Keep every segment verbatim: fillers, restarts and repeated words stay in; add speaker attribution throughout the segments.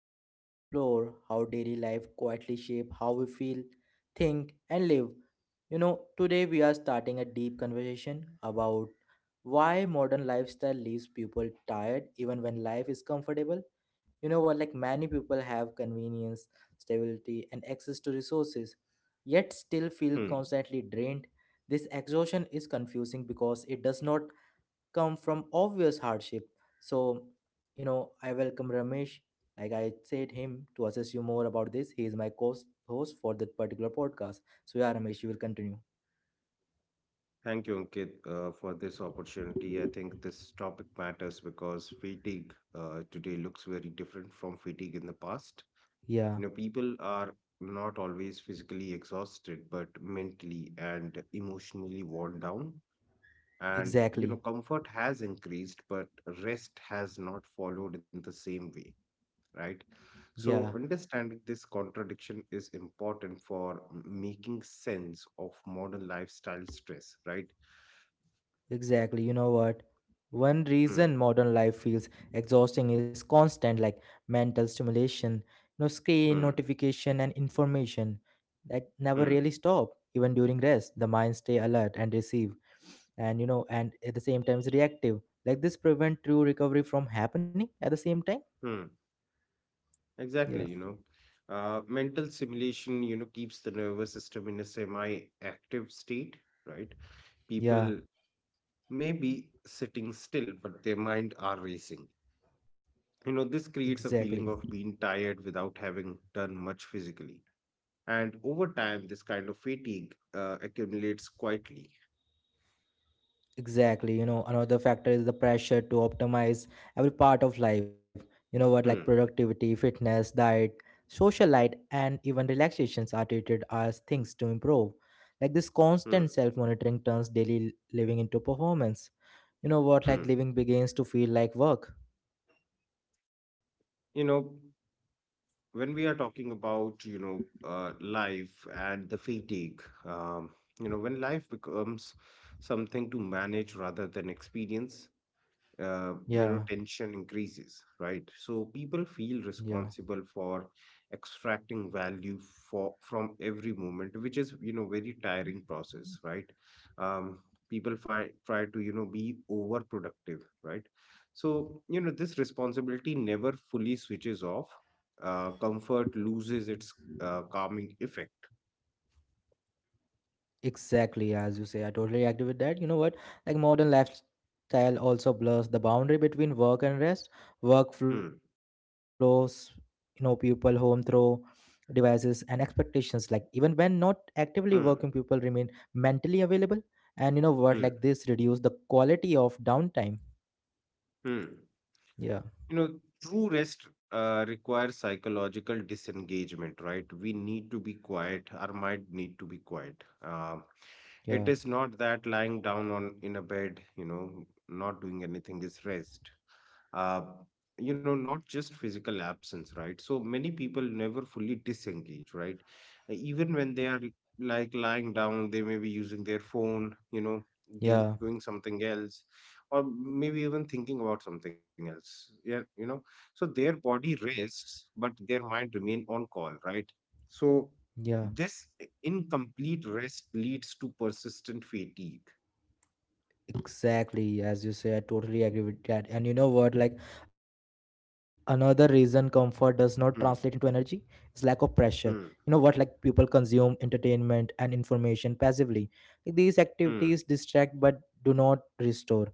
Speaker 1: where we explore how daily life quietly shape how we feel, think, and live. You know, today we are starting a deep conversation about why modern lifestyle leaves people tired even when life is comfortable. You know what, like many people have convenience, stability, and access to resources, yet still feel
Speaker 2: Hmm.
Speaker 1: constantly drained. This exhaustion is confusing because it does not come from obvious hardship. So, you know, I welcome Ramesh. Like I said, him to assess you more about this. He is my co-host for that particular podcast. So yeah, Ramesh, you will continue.
Speaker 2: Thank you, Ankit, uh, for this opportunity. I think this topic matters because fatigue uh, today looks very different from fatigue in the past. You
Speaker 1: Yeah,
Speaker 2: know, people are not always physically exhausted, but mentally and emotionally worn down. And, you know,
Speaker 1: exactly.
Speaker 2: comfort has increased, but rest has not followed in the same way, right? So,
Speaker 1: Yeah.
Speaker 2: understanding this contradiction is important for m- making sense of modern lifestyle stress, right?
Speaker 1: Exactly. You know what? One reason
Speaker 2: Hmm,
Speaker 1: modern life feels exhausting is constant, like mental stimulation, no screen,
Speaker 2: hmm,
Speaker 1: notification, and information that never really
Speaker 2: hmm,
Speaker 1: stop. Even during rest, the mind stay alert and receive, and you know, and at the same time is reactive. Like this prevent true recovery from happening at the same time.
Speaker 2: hmm.
Speaker 1: Yeah.
Speaker 2: Exactly, you know. Uh, mental simulation, you know, keeps the nervous system in a semi-active state, right?
Speaker 1: Yeah.
Speaker 2: People may be sitting still, but their mind are racing. You know, this creates a
Speaker 1: Exactly.
Speaker 2: feeling of being tired without having done much physically. And over time, this kind of fatigue uh, accumulates quietly.
Speaker 1: Exactly. You know, another factor is the pressure to optimize every part of life. You know what, like
Speaker 2: Hmm,
Speaker 1: productivity, fitness, diet, social life, and even relaxations are treated as things to improve. Like this
Speaker 2: hmm,
Speaker 1: constant self monitoring turns daily living into performance. You know what,
Speaker 2: hmm.
Speaker 1: like living begins to feel like work.
Speaker 2: You know, when we are talking about, you know, uh, life and the fatigue, um, you know, when life becomes something to manage rather than experience, uh, you know,
Speaker 1: Yeah,
Speaker 2: tension increases, right? So people
Speaker 1: yeah.
Speaker 2: feel responsible for extracting value for from every moment, which is, you know, very tiring process, right? um people find try to, you know, be overproductive, right? So, you know, this responsibility never fully switches off. Uh, comfort loses its uh, calming effect.
Speaker 1: Exactly, as you say, I totally agree with that. You know what? Like modern lifestyle also blurs the boundary between work and rest,
Speaker 2: Hmm,
Speaker 1: workflows, you know, people home through devices and expectations. Like even when not actively working,
Speaker 2: hmm,
Speaker 1: people remain mentally available. And you know what?
Speaker 2: hmm,
Speaker 1: Like this reduce the quality of downtime.
Speaker 2: hmm. You know,
Speaker 1: Yeah,
Speaker 2: true rest uh, requires psychological disengagement, right? We need to be quiet, our mind need to be quiet. Um it is
Speaker 1: yeah,
Speaker 2: not that lying down on in a bed, you know, not doing anything is rest. Uh, you know, not just physical absence, right? So many people never fully disengage, right? Even when they are like lying down, they may be using their phone, you know, do, doing something
Speaker 1: yeah,
Speaker 2: else, or maybe even thinking about something else. Yeah, you know, so their body rests, but their mind remain on call, right? So this
Speaker 1: yeah.
Speaker 2: incomplete rest leads to persistent fatigue.
Speaker 1: Exactly, as you say, I totally agree with that. And you know what? Like another reason comfort does not
Speaker 2: Hmm,
Speaker 1: translate into energy is lack of
Speaker 2: hmm,
Speaker 1: pressure. You know what? Like people consume entertainment and information passively. Like, these
Speaker 2: hmm,
Speaker 1: activities distract but do not restore.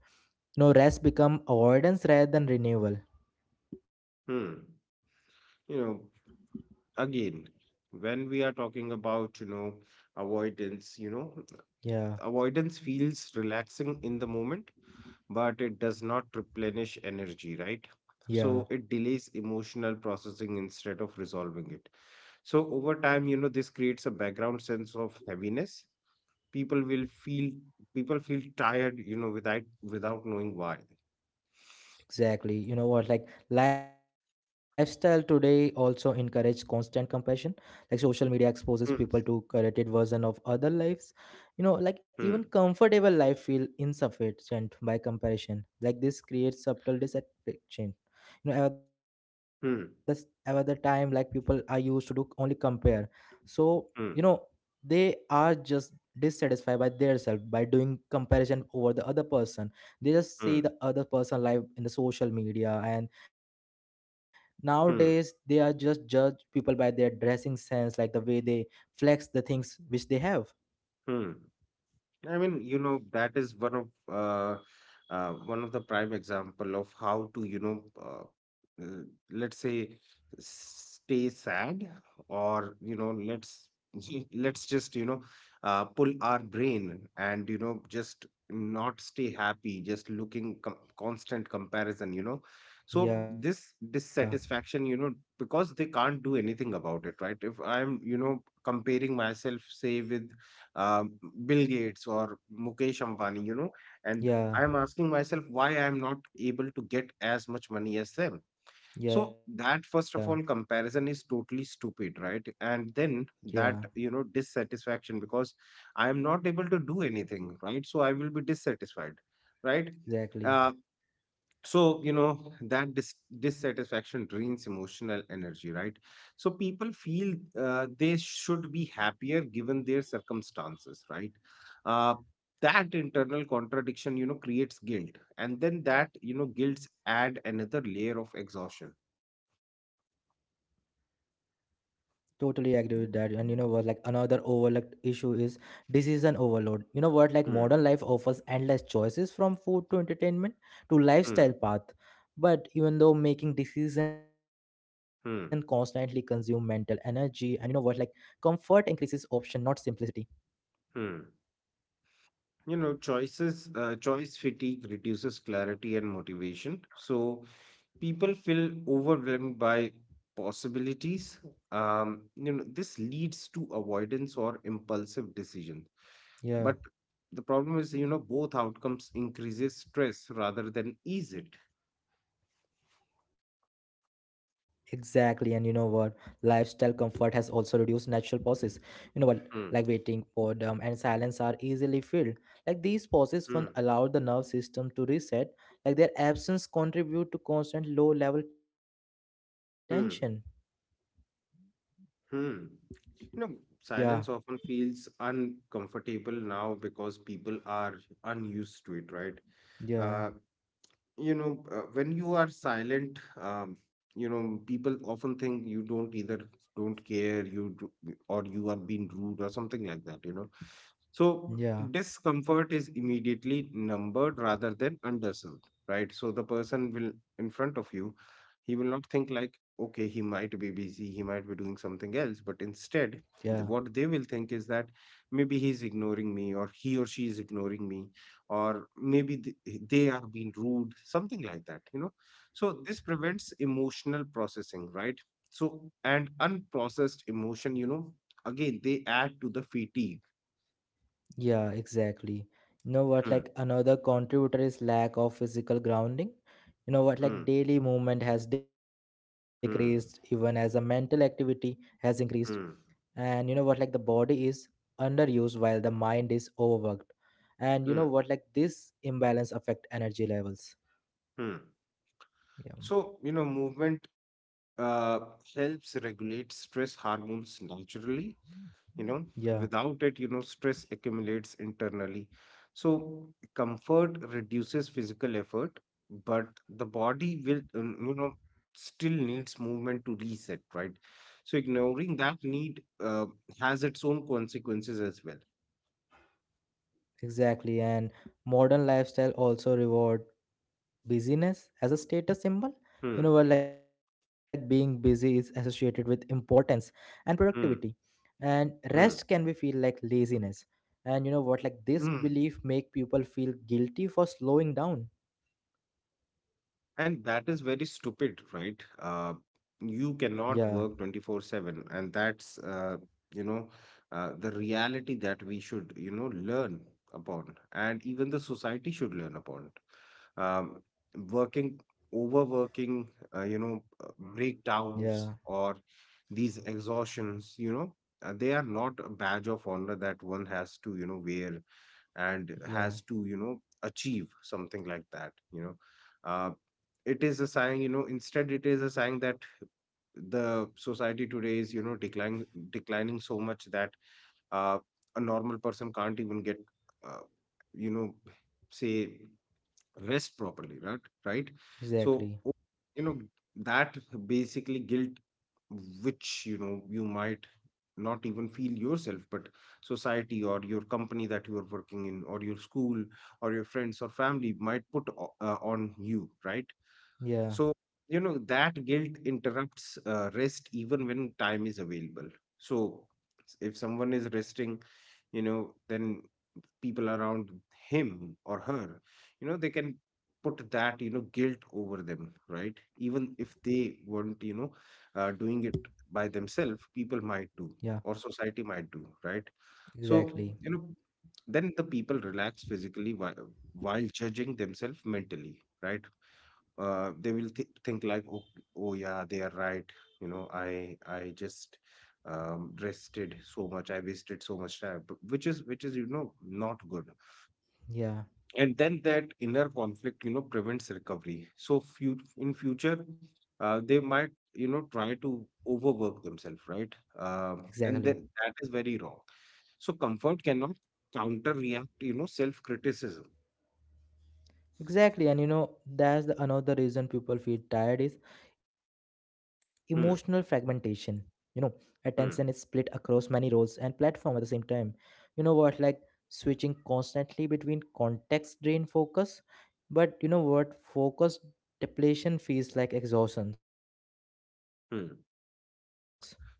Speaker 1: You know, rest become avoidance rather than renewal.
Speaker 2: hmm. You know, again, when we are talking about, you know, avoidance, you know,
Speaker 1: Yeah,
Speaker 2: avoidance feels relaxing in the moment, but it does not replenish energy, right?
Speaker 1: yeah.
Speaker 2: So it delays emotional processing instead of resolving it. So over time, you know, this creates a background sense of heaviness. people will feel People feel tired, you know, without without knowing why.
Speaker 1: Exactly. You know what? Like lifestyle today also encourage constant comparison. Like social media exposes people
Speaker 2: Hmm,
Speaker 1: to curated version of other lives. You know, like
Speaker 2: hmm,
Speaker 1: even comfortable life feel insufficient by comparison. Like this creates subtle dissatisfaction. You know, at the at the
Speaker 2: hmm,
Speaker 1: time, like people are used to do only compare. So you know,
Speaker 2: hmm,
Speaker 1: they are just dissatisfied by their self by doing comparison over the other person. They just see the
Speaker 2: hmm,
Speaker 1: other person life in the social media, and nowadays they are just
Speaker 2: hmm,
Speaker 1: judge people by their dressing sense like the way they flex the things which they have.
Speaker 2: hmm. I mean, you know, that is one of uh, uh, one of the prime example of how to, you know, uh, uh, let's say, stay sad, or, you know, let's let's just, you know, uh, pull our brain and, you know, just not stay happy, just looking com constant comparison, you know. So
Speaker 1: Yeah,
Speaker 2: this dissatisfaction, you know, because they can't do anything about it, right? If I'm, you know, comparing myself, say, with um, Bill Gates or Mukesh Ambani, you know, and
Speaker 1: yeah,
Speaker 2: I'm asking myself why I'm not able to get as much money as them. So
Speaker 1: yeah,
Speaker 2: that, first of all, comparison is totally stupid, right? And then
Speaker 1: yeah,
Speaker 2: that, you know, dissatisfaction because I am not able to do anything, right? So I will be dissatisfied, right?
Speaker 1: exactly.
Speaker 2: Uh, so, you know, that dis- dissatisfaction drains emotional energy, right? So people feel uh, they should be happier given their circumstances, right? Uh, that internal contradiction, you know, creates guilt. And then that, you know, guilts add another layer of exhaustion.
Speaker 1: Totally agree with that. And you know what, like another overlooked issue is decision overload. You know what, like modern
Speaker 2: Hmm,
Speaker 1: life offers endless choices from food to entertainment to
Speaker 2: hmm,
Speaker 1: lifestyle path. But even though making decision constantly
Speaker 2: hmm,
Speaker 1: consume mental energy and you know what, like comfort increases option, not simplicity.
Speaker 2: hmm. You know, choices, uh, choice fatigue reduces clarity and motivation. So people feel overwhelmed by possibilities. um, you know, this leads to avoidance or impulsive decision, but the problem is,
Speaker 1: Yeah.
Speaker 2: you know, both outcomes increases stress rather than ease it.
Speaker 1: Exactly, and you know what? Lifestyle comfort has also reduced natural pauses. You know
Speaker 2: Hmm,
Speaker 1: what? Like waiting, boredom, and silence are easily filled. Like these pauses,
Speaker 2: hmm,
Speaker 1: one allow the nerve system to reset. Like their absence contribute to constant low level tension.
Speaker 2: hmm, hmm. You know,
Speaker 1: Yeah,
Speaker 2: silence often feels uncomfortable now because people are unused to it, right?
Speaker 1: yeah,
Speaker 2: Uh, you know, uh, when you are silent, um, you know, people often think you don't either don't care you do, or you are being rude or something like that, you know. So
Speaker 1: yeah,
Speaker 2: discomfort is immediately numbered rather than understood, right? So the person will, in front of you, he will not think like, okay, he might be busy, he might be doing something else, but instead
Speaker 1: yeah.
Speaker 2: th- what they will think is that maybe he's ignoring me, or he or she is ignoring me, or maybe th- they are being rude, something like that, you know. So this prevents emotional processing, right? So and unprocessed emotion, you know, again, they add to the fatigue.
Speaker 1: Yeah, exactly. You know what,
Speaker 2: Hmm,
Speaker 1: like another contributor is lack of physical grounding. You know what,
Speaker 2: hmm,
Speaker 1: like daily movement has decreased even as a
Speaker 2: hmm,
Speaker 1: mental activity has increased.
Speaker 2: hmm,
Speaker 1: And you know what, like the body is underused while the mind is overworked. And you know
Speaker 2: hmm,
Speaker 1: what, like this imbalance affect energy levels.
Speaker 2: hmm.
Speaker 1: Yeah.
Speaker 2: So, you know, movement uh, helps regulate stress hormones naturally, you know.
Speaker 1: Yeah,
Speaker 2: Without it, you know, stress accumulates internally. So comfort reduces physical effort, but the body will, um, you know, still needs movement to reset, right? So ignoring that need, uh, has its own consequences as well.
Speaker 1: exactly. And modern lifestyle also reward busyness as a status symbol,
Speaker 2: Hmm,
Speaker 1: you know, where like being busy is associated with importance and productivity,
Speaker 2: hmm,
Speaker 1: and rest can be
Speaker 2: hmm,
Speaker 1: feel like laziness. And you know what, like this
Speaker 2: hmm.
Speaker 1: belief make people feel guilty for slowing down.
Speaker 2: And that is very stupid, right? Uh,
Speaker 1: Yeah,
Speaker 2: you cannot work twenty-four seven, and that's uh, you know, uh, the reality that we should, you know, learn upon, and even the society should learn upon. Um, working, overworking, uh, you know, uh,
Speaker 1: yeah,
Speaker 2: breakdowns or these exhaustions, you know, uh, they are not a badge of honor that one has to, you know, wear and
Speaker 1: yeah,
Speaker 2: has to, you know, achieve something like that, you know. Uh, it is a sign, you know, instead it is a sign that the society today is, you know, declining, declining so much that uh, a normal person can't even get uh, you know, say, rest properly, right? Right? So
Speaker 1: exactly,
Speaker 2: o- you know, that basically guilt, which, you know, you might not even feel yourself, but society or your company that you are working in, or your school, or your friends or family might put o- uh, on you, right?
Speaker 1: yeah,
Speaker 2: So, you know, that guilt interrupts uh, rest even when time is available. So, s- if someone is resting, you know, then people around him or her, you know, they can put that, you know, guilt over them, right? Even if they weren't, you know, uh, doing it by themselves, people might
Speaker 1: yeah,
Speaker 2: do, or society might do, right? So,
Speaker 1: exactly,
Speaker 2: you know, then the people relax physically while, while judging themselves mentally, right? Uh, they will th- think like, oh, oh yeah, they are right. You know, I I just, um, rested so much. I wasted so much time, b- which is which is, you know, not good.
Speaker 1: yeah,
Speaker 2: And then that inner conflict, you know, prevents recovery. So few in future, uh, they might, you know, try to overwork themselves, right? Um,
Speaker 1: exactly,
Speaker 2: and then that is very wrong. So comfort cannot counter react, you know, self criticism.
Speaker 1: exactly. And you know, that's the another reason people feel tired is emotional fragmentation.
Speaker 2: Hmm.
Speaker 1: You know, attention is split
Speaker 2: Hmm.
Speaker 1: across many roles and platform at the same time. You know what, like switching constantly between context drain focus, but you know what, focus depletion feels like exhaustions.
Speaker 2: Hmm.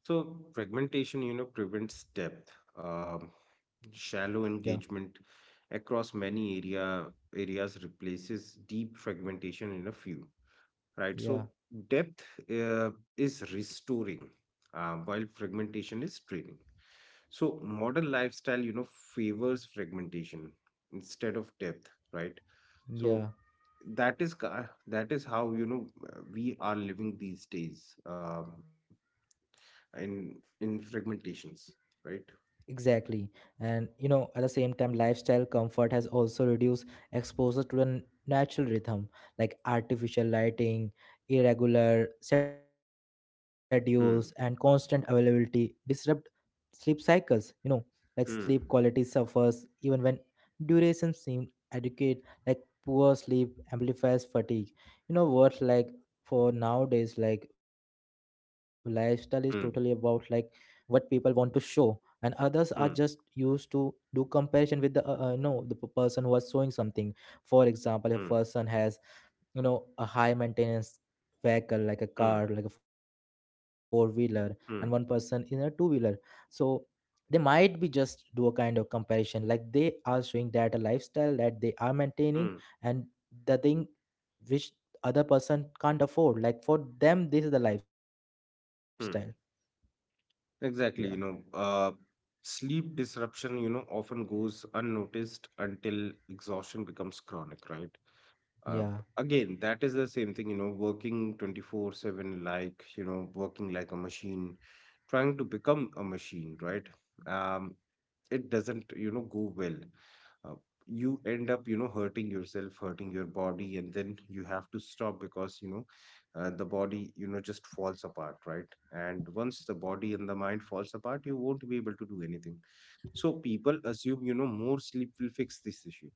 Speaker 2: So fragmentation, you know, prevents depth. Um,
Speaker 1: Yeah,
Speaker 2: shallow engagement across many area areas replaces deep fragmentation in a few. Right.
Speaker 1: yeah,
Speaker 2: So depth uh, is restoring, uh, while fragmentation is training. So modern lifestyle, you know, favors fragmentation instead of depth. Right.
Speaker 1: yeah.
Speaker 2: So that is ca- that is how, you know, uh, we are living these days. Um in in fragmentations, right?
Speaker 1: Exactly. And you know, at the same time, lifestyle comfort has also reduced exposure to the n- natural rhythm, like artificial lighting, irregular schedules, and constant
Speaker 2: Hmm,
Speaker 1: availability disrupt sleep cycles, you know, like sleep quality
Speaker 2: hmm,
Speaker 1: suffers even when duration seems adequate, like poor sleep amplifies fatigue. You know what, like for nowadays like lifestyle is totally about like
Speaker 2: hmm,
Speaker 1: what people want to show, and others are just
Speaker 2: hmm,
Speaker 1: used to do comparison with the uh, uh, no the p- person who was showing something. For example, a
Speaker 2: hmm,
Speaker 1: person has, you know, a high maintenance vehicle like a
Speaker 2: hmm,
Speaker 1: car like a four wheeler, and one person in a
Speaker 2: hmm,
Speaker 1: two wheeler. So they might be just do a kind of comparison like they are showing that a lifestyle that they are
Speaker 2: hmm,
Speaker 1: maintaining, and the thing which other person can't afford, like for them this is the lifestyle.
Speaker 2: hmm.
Speaker 1: Yeah,
Speaker 2: Exactly, you know. Uh sleep disruption, you know, often goes unnoticed until exhaustion becomes chronic, right?
Speaker 1: yeah,
Speaker 2: uh, again, that is the same thing, you know, working twenty-four seven, like, you know, working like a machine, trying to become a machine, right? um it doesn't, you know, go well. uh, you end up, you know, hurting yourself, hurting your body, and then you have to stop, because, you know, uh, the body, you know, just falls apart, right? And once the body and the mind falls apart, you won't be able to do anything. So people assume, you know, more sleep will fix this issue.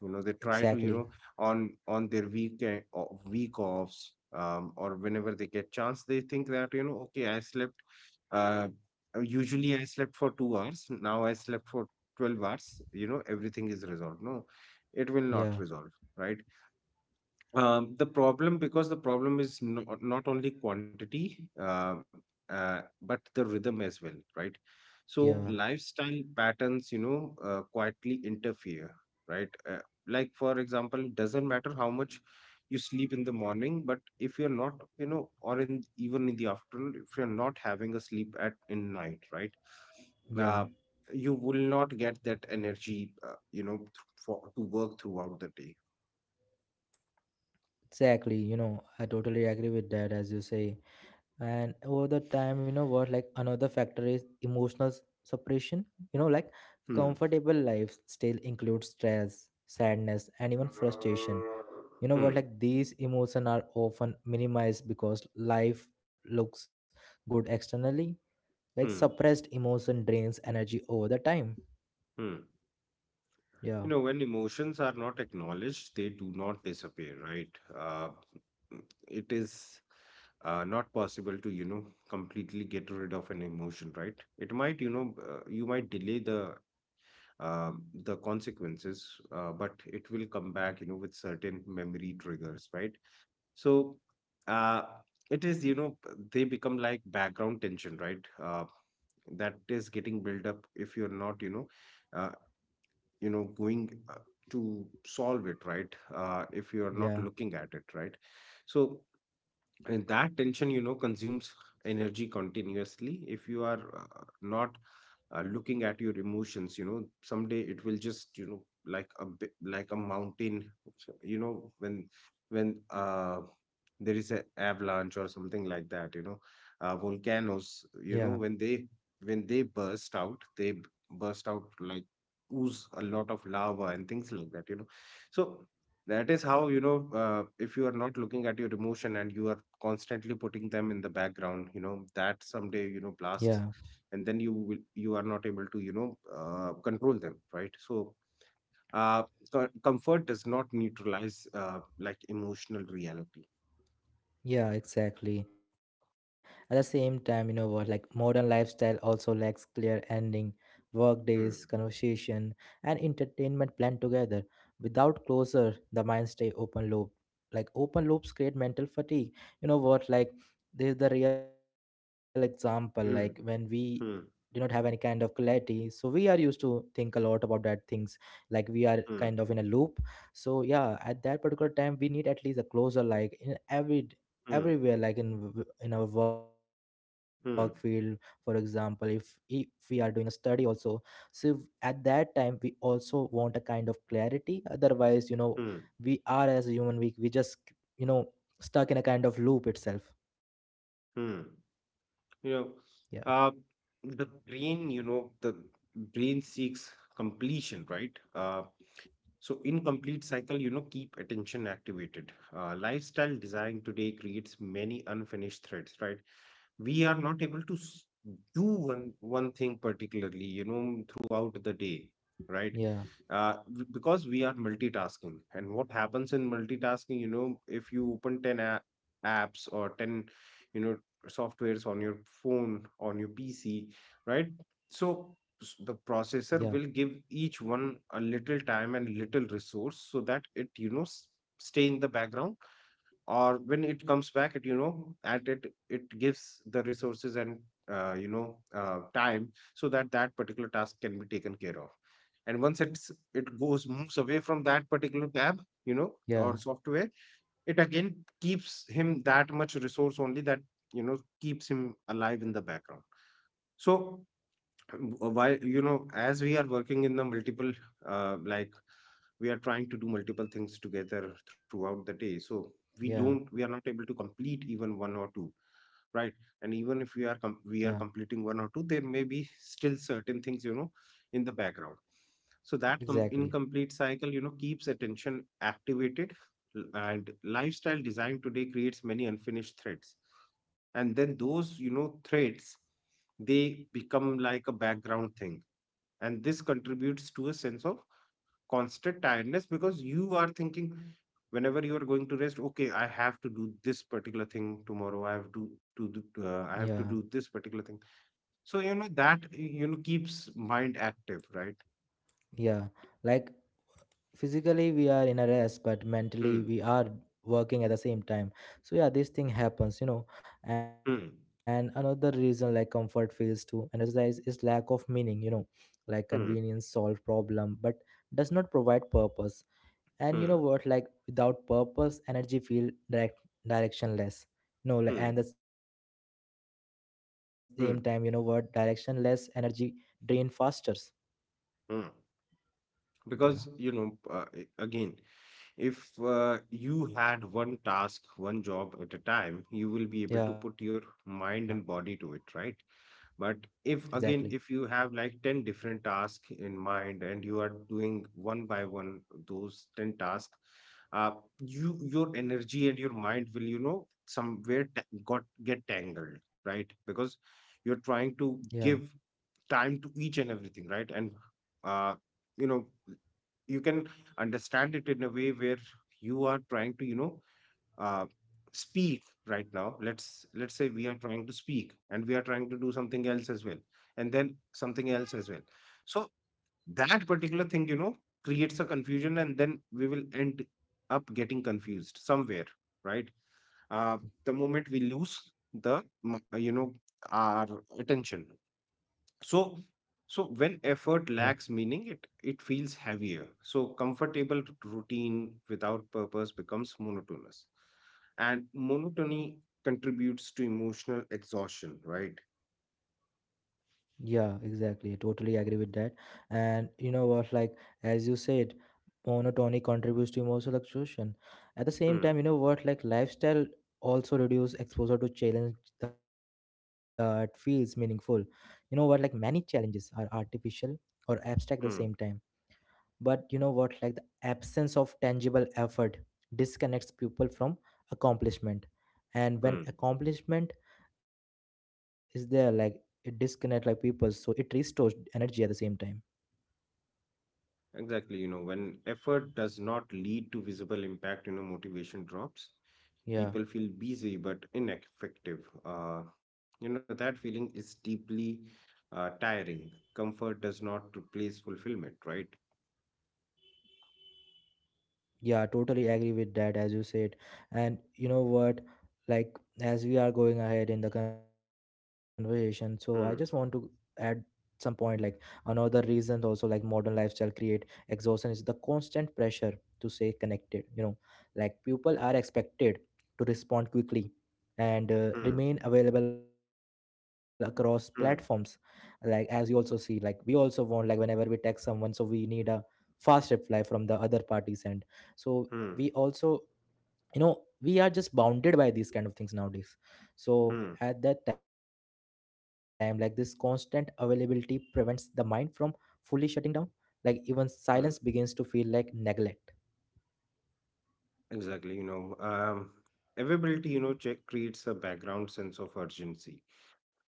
Speaker 2: You know, they try to, you
Speaker 1: exactly,
Speaker 2: know, on on their weekend o- week offs, um, or whenever they get chance, they think that, you know, okay, I slept, uh, usually I slept for two hours, now I slept for twelve hours, you know, everything is resolved. No, it will not
Speaker 1: yeah,
Speaker 2: resolve, right? um, the problem, because the problem is not, not only quantity, uh, uh, but the rhythm as well, right? So
Speaker 1: yeah,
Speaker 2: lifestyle patterns, you know, uh, quietly interfere, right? Uh, like for example, doesn't matter how much you sleep in the morning, but if you're not, you know, or in even in the afternoon, if you're not having a sleep at in night, right? Uh,
Speaker 1: yeah,
Speaker 2: you will not get that energy, uh, you know, th- for to work throughout the day.
Speaker 1: exactly. You know, I totally agree with that, as you say. And over the time, you know what, like another factor is emotional s- suppression. You know, like
Speaker 2: Hmm.
Speaker 1: comfortable life still includes stress, sadness, and even frustration. You know what,
Speaker 2: Hmm.
Speaker 1: like these emotions are often minimized because life looks good externally, like suppressed
Speaker 2: Hmm.
Speaker 1: emotion drains energy over the time.
Speaker 2: Hmm.
Speaker 1: Yeah,
Speaker 2: You know, when emotions are not acknowledged, they do not disappear, right? Uh, it is, uh, not possible to, you know, completely get rid of an emotion, right? It might, you know, uh, you might delay the um the consequences, uh, but it will come back, you know, with certain memory triggers, right? So uh, it is, you know, they become like background tension, right? Uh, that is getting built up if you're not, you know, uh, you know, going uh, to solve it, right? Uh, if you are
Speaker 1: yeah,
Speaker 2: not looking at it, right? So and that tension, you know, consumes energy continuously if you are uh, not uh, looking at your emotions. You know, someday it will just, you know, like a bi- like a mountain, you know, when when uh there is an avalanche or something like that, you know, uh,
Speaker 1: yeah,
Speaker 2: volcanoes, you know, when they when they burst out they b- burst out like ooze a lot of lava and things like that, you know. So that is how, you know, uh, if you are not looking at your emotion and you are constantly putting them in the background, you know, that
Speaker 1: yeah.
Speaker 2: someday, you know, blasts. And then you will, you are not able to, you know, uh, control them, right? So, uh, co- comfort does not neutralize, uh, like emotional reality.
Speaker 1: Yeah, exactly. At the same time, you know what, like modern lifestyle also lacks clear ending, work days,
Speaker 2: Hmm.
Speaker 1: conversation, and entertainment planned together. Without closure, the mind stay open loop. Like open loops create mental fatigue. You know what, like this is the real example. Like when we
Speaker 2: Hmm.
Speaker 1: do not have
Speaker 2: Hmm.
Speaker 1: any kind of clarity, so we are used to think a lot about that things, like we are kind
Speaker 2: Hmm.
Speaker 1: of in a loop. So yeah, at that particular time we need at least a closer, like in every
Speaker 2: Hmm.
Speaker 1: everywhere, like in w- in our work field. For
Speaker 2: Hmm.
Speaker 1: example, if e- if we are doing a study also, so at that time we also want a kind of clarity. Otherwise, you know,
Speaker 2: Hmm.
Speaker 1: we are as a human, we, we just, you know, stuck in a kind of loop itself.
Speaker 2: Hmm.
Speaker 1: Yeah,
Speaker 2: You know, uh, the brain, you know, the brain seeks completion, right? Uh, So, in complete cycle, you know, keep attention activated. Uh, lifestyle design today creates many unfinished threads, right? We are not able to s- do one one thing particularly, you know, throughout the day, right?
Speaker 1: yeah,
Speaker 2: uh, w- because we are multitasking. And what happens in multitasking, you know, if you open ten a- apps or ten, you know, softwares on your phone, on your pc, right?
Speaker 1: yeah,
Speaker 2: So s- the processor will give each one a little time and little resource so that it, you know, s- stay in the background, or when it comes back at, you know, at it, it gives the resources and uh, you know, uh, time so that that particular task can be taken care of. And once it's it goes, moves away from that particular tab, you know,
Speaker 1: yeah,
Speaker 2: or software, it again keeps him that much resource only, that, you know, keeps him alive in the background. So, why, you know, as we are working in the multiple, uh, like we are trying to do multiple things together throughout the day, so we don't,
Speaker 1: yeah,
Speaker 2: we are not able to complete even one or two, right? And
Speaker 1: yeah,
Speaker 2: even if we are com- we are completing one or two, there may be still certain things, you know, in the background. So that com-
Speaker 1: exactly,
Speaker 2: incomplete cycle, you know, keeps attention activated. l- and lifestyle design today creates many unfinished threads, and then those, you know, threats, they become like a background thing. And this contributes to a sense of constant tiredness because you are thinking, whenever you are going to rest, okay, I have to do this particular thing tomorrow, I have to
Speaker 1: yeah.
Speaker 2: to do, uh, I have to do this particular thing. So, you know, that, you know, keeps mind active, right?
Speaker 1: Yeah, like physically we are in a rest, but mentally
Speaker 2: Hmm.
Speaker 1: we are working at the same time. So yeah, this thing happens, you know. And
Speaker 2: Hmm.
Speaker 1: another reason like comfort fails to energize is lack of meaning, you know, like convenience
Speaker 2: Hmm.
Speaker 1: solve problem, but does not provide purpose. And you know
Speaker 2: Hmm.
Speaker 1: what, like without purpose, energy feel direct directionless. No, like,
Speaker 2: Hmm.
Speaker 1: and at the same time, you know what, directionless
Speaker 2: Hmm.
Speaker 1: energy drain faster.
Speaker 2: Hmm.
Speaker 1: Yeah,
Speaker 2: Because, you know, uh, a- again, if uh, you had one task, one job at a time, you will be able to
Speaker 1: yeah,
Speaker 2: put your mind and body to it, right? But
Speaker 1: exactly.
Speaker 2: if, again, if you have like ten different tasks in mind and you are doing one by one those ten tasks, uh, you, your energy and your mind will, you know, somewhere ta- got get tangled, right? Because
Speaker 1: Yeah.
Speaker 2: you're trying to give time to each and everything, right? And uh, you know, you can understand it in a way where you are trying to, you know, uh, speak right now. Let's let's say we are trying to speak and we are trying to do something else as well, and then something else as well. So that particular thing, you know, creates a confusion, and then we will end up getting confused somewhere, right? uh, the moment we lose the m-, you know, our attention. So so when
Speaker 1: Yeah.
Speaker 2: effort lacks meaning, it it feels heavier. So comfortable r- routine without purpose becomes monotonous, and monotony contributes to emotional exhaustion, right?
Speaker 1: Yeah, exactly. I totally agree with that. And you know what, like as you said, monotony contributes to emotional exhaustion. At the same time, you
Speaker 2: Hmm.
Speaker 1: know what, like lifestyle also reduce exposure to challenge that feels meaningful. You know what, like many challenges are artificial or abstract at the same time,
Speaker 2: Hmm.
Speaker 1: but you know what, like the absence of tangible effort disconnects people from accomplishment. And when
Speaker 2: Hmm.
Speaker 1: accomplishment is there, like it disconnect like people, so it restores energy at the same time.
Speaker 2: Exactly. You know, when effort does not lead to visible impact, you know, motivation drops.
Speaker 1: Yeah.
Speaker 2: People feel busy but ineffective. uh, you know, that feeling is deeply, uh, tiring. Comfort does not replace fulfillment, right?
Speaker 1: Yeah, totally agree with that, as you said. And you know what? Like, as we are going ahead in the conversation, so I just want to add some point, like another reason also like modern lifestyle create exhaustion is the constant pressure to stay connected, you know, like people are expected to respond quickly and uh,
Speaker 2: Hmm.
Speaker 1: remain available across platforms, like
Speaker 2: Hmm.
Speaker 1: as you also see, like we also want, like whenever we text someone, so we need a fast reply from the other parties. And so we
Speaker 2: Hmm.
Speaker 1: also, you know, we are just bounded by these kind of things nowadays. So
Speaker 2: Hmm.
Speaker 1: at that time, like this constant availability prevents the mind from fully shutting down, like even silence begins
Speaker 2: Mm.
Speaker 1: to feel like neglect.
Speaker 2: Exactly. You know, um, availability, you know, check creates a background sense of urgency.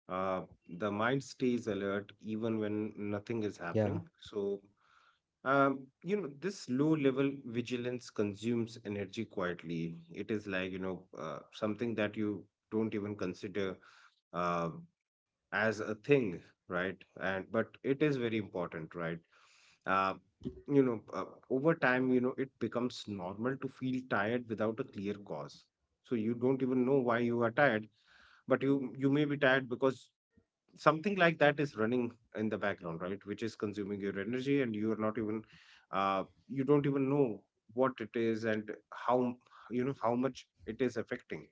Speaker 2: Uh, the mind stays alert even when
Speaker 1: Yeah.
Speaker 2: nothing is happening. So, um, you know, this low level vigilance consumes energy quietly. It is like, you know, uh, something that you don't even consider, uh, as a thing, right? And but it is very important, right? uh, you know, uh, over time, you know, it becomes normal to feel tired without a clear cause. So you don't even know why you are tired, but you you may be tired because something like that is running in the background, right? Which is consuming your energy, and you are not even, uh, you don't even know what it is and how, you know, how much it is affecting.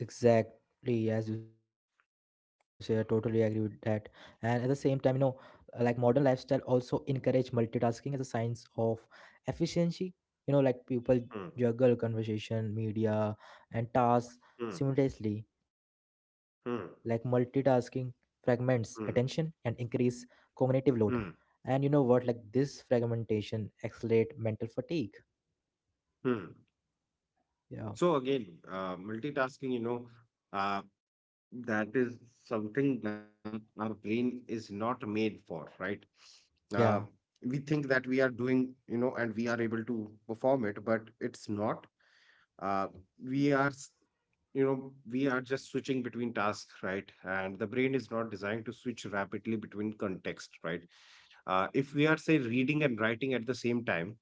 Speaker 1: Exactly, as you say, I totally agree with that. And at the same time, you know, uh, like modern lifestyle also encourage multitasking as a signs of efficiency. You know, like people
Speaker 2: Hmm.
Speaker 1: juggle conversation, media, and tasks
Speaker 2: Hmm.
Speaker 1: simultaneously. Like multitasking
Speaker 2: Hmm.
Speaker 1: fragments attention and
Speaker 2: Hmm.
Speaker 1: increase cognitive load.
Speaker 2: Hmm.
Speaker 1: And you know what? Like this fragmentation accelerate mental fatigue.
Speaker 2: Hmm.
Speaker 1: Yeah,
Speaker 2: So again, uh, multitasking, you know, uh, that is something that our brain is not made for, right? Uh,
Speaker 1: yeah,
Speaker 2: we think that we are doing, you know, and we are able to perform it, but it's not. Uh, we are, s- you know, we are just switching between tasks, right? And the brain is not designed to switch rapidly between context, right? Uh, if we are, say, reading and writing at the same time,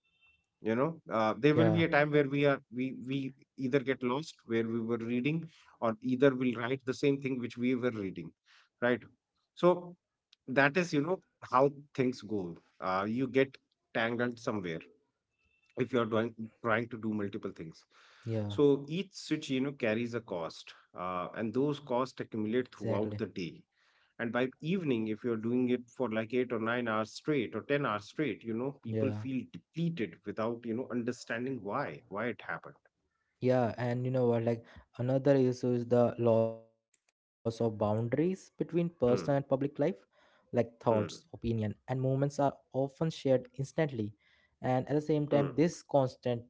Speaker 2: you know, uh, there will be
Speaker 1: yeah,
Speaker 2: a time where we are, we we either get lost where we were reading, or either we'll write the same thing which we were reading, right? So that is, you know, how things go. Uh, you get tangled somewhere if you are doing, trying to do multiple things.
Speaker 1: yeah.
Speaker 2: So each switch, you know, carries a cost, uh, and those
Speaker 1: Exactly.
Speaker 2: costs accumulate throughout the day. And by evening, if you're doing it for like eight or nine hours straight, or ten hours straight, you know, people
Speaker 1: Yeah.
Speaker 2: feel depleted without, you know, understanding why why it happened.
Speaker 1: Yeah, and you know what? Like another issue is the loss of boundaries between personal and public life.
Speaker 2: Hmm.
Speaker 1: Like thoughts,
Speaker 2: Hmm.
Speaker 1: opinion, and movements are often shared instantly, and at the same time,
Speaker 2: Hmm.
Speaker 1: this constant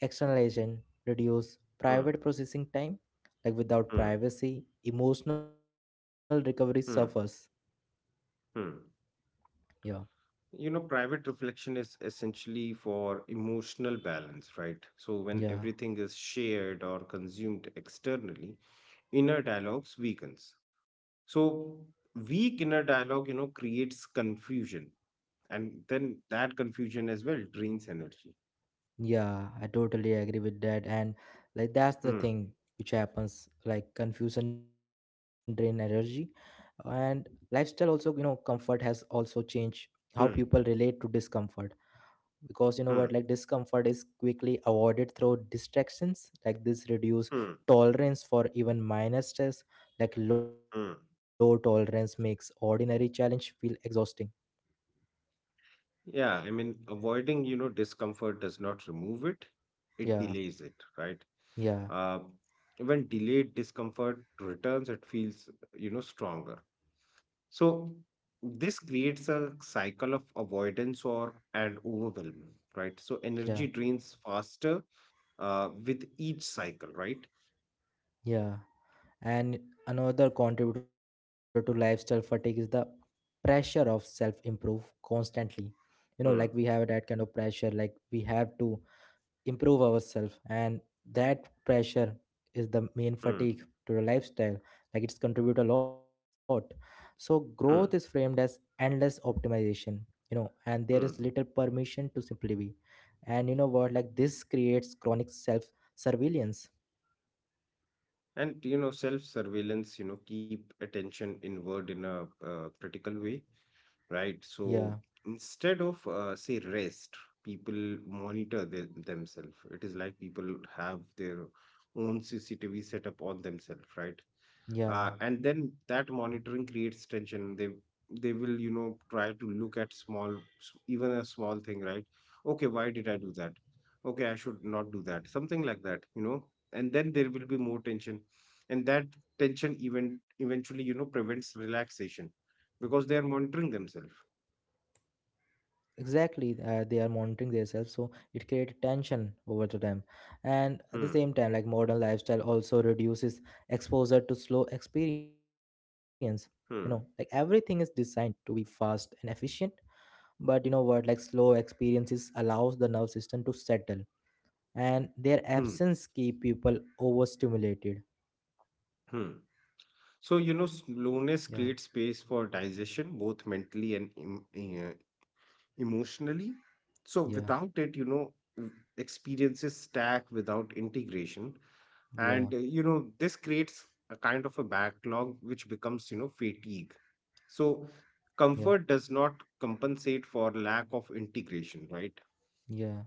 Speaker 1: externalization reduces
Speaker 2: Hmm.
Speaker 1: private processing time. Like without
Speaker 2: Hmm.
Speaker 1: privacy, emotional recovery suffers.
Speaker 2: Hmm. Hmm.
Speaker 1: Yeah,
Speaker 2: You know, private reflection is essentially for emotional balance, right? So when
Speaker 1: yeah.
Speaker 2: everything is shared or consumed externally, inner dialogues weakens. So weak inner dialogue, you know, creates confusion, and then that confusion as well drains energy.
Speaker 1: Yeah, I totally agree with that. And like that's the
Speaker 2: Hmm.
Speaker 1: thing which happens like confusion drain energy. And lifestyle also, you know, comfort has also changed how people
Speaker 2: Hmm.
Speaker 1: relate to discomfort, because you know what,
Speaker 2: Hmm.
Speaker 1: like discomfort is quickly avoided through distractions like this reduce
Speaker 2: Hmm.
Speaker 1: tolerance for even minor stress. Like low
Speaker 2: Hmm.
Speaker 1: tolerance makes ordinary challenge feel exhausting.
Speaker 2: Yeah, I mean, avoiding, you know, discomfort does not remove it, it
Speaker 1: yeah
Speaker 2: delays it, right?
Speaker 1: yeah
Speaker 2: Uh, when delayed discomfort returns, it feels, you know, stronger. So this creates a cycle of avoidance or and overwhelm, right? So energy
Speaker 1: yeah
Speaker 2: drains faster uh, with each cycle, right?
Speaker 1: yeah And another contributor to lifestyle fatigue is the pressure of self improve constantly. You know, like we have
Speaker 2: Hmm.
Speaker 1: that kind of pressure, like we have to improve ourselves, and that pressure is the main
Speaker 2: Hmm.
Speaker 1: fatigue to the lifestyle. Like it's contribute a lot. So growth is framed
Speaker 2: Hmm.
Speaker 1: as endless optimization, you know, and there is little
Speaker 2: Hmm.
Speaker 1: permission to simply be. And you know what? Like this creates chronic self surveillance.
Speaker 2: And, you know, self surveillance, you know, keep attention inward in a, uh, critical way, right?
Speaker 1: Yeah,
Speaker 2: So instead of, uh, say, rest, people monitor their, themselves. It is like people have their own CCTV set up on themselves, right? Uh,
Speaker 1: yeah.
Speaker 2: and then that monitoring creates tension. they they will, you know, try to look at small s- even a small thing, right? Okay, why did I do that? Okay, I should not do that, something like that, you know. And then there will be more tension, and that tension even eventually, you know, prevents relaxation, because they are monitoring themselves.
Speaker 1: Exactly. Uh, they are monitoring themselves, so it creates tension over the time. And at the
Speaker 2: Hmm.
Speaker 1: same time, like modern lifestyle also reduces exposure to slow experience. You know, like everything is
Speaker 2: Hmm.
Speaker 1: designed to be fast and efficient, but you know what, like slow experiences allows the nerve system to settle, and their
Speaker 2: Hmm.
Speaker 1: absence keep people overstimulated.
Speaker 2: Hmm. So,
Speaker 1: yeah
Speaker 2: you know, slowness creates space for digestion, both mentally and em- eh, emotionally. So
Speaker 1: yeah
Speaker 2: without it, you know, w- experiences stack without integration.
Speaker 1: yeah
Speaker 2: And, uh, you know, this creates a kind of a backlog which becomes, you know, fatigue.
Speaker 1: yeah
Speaker 2: So comfort does not compensate for lack of integration, right?
Speaker 1: yeah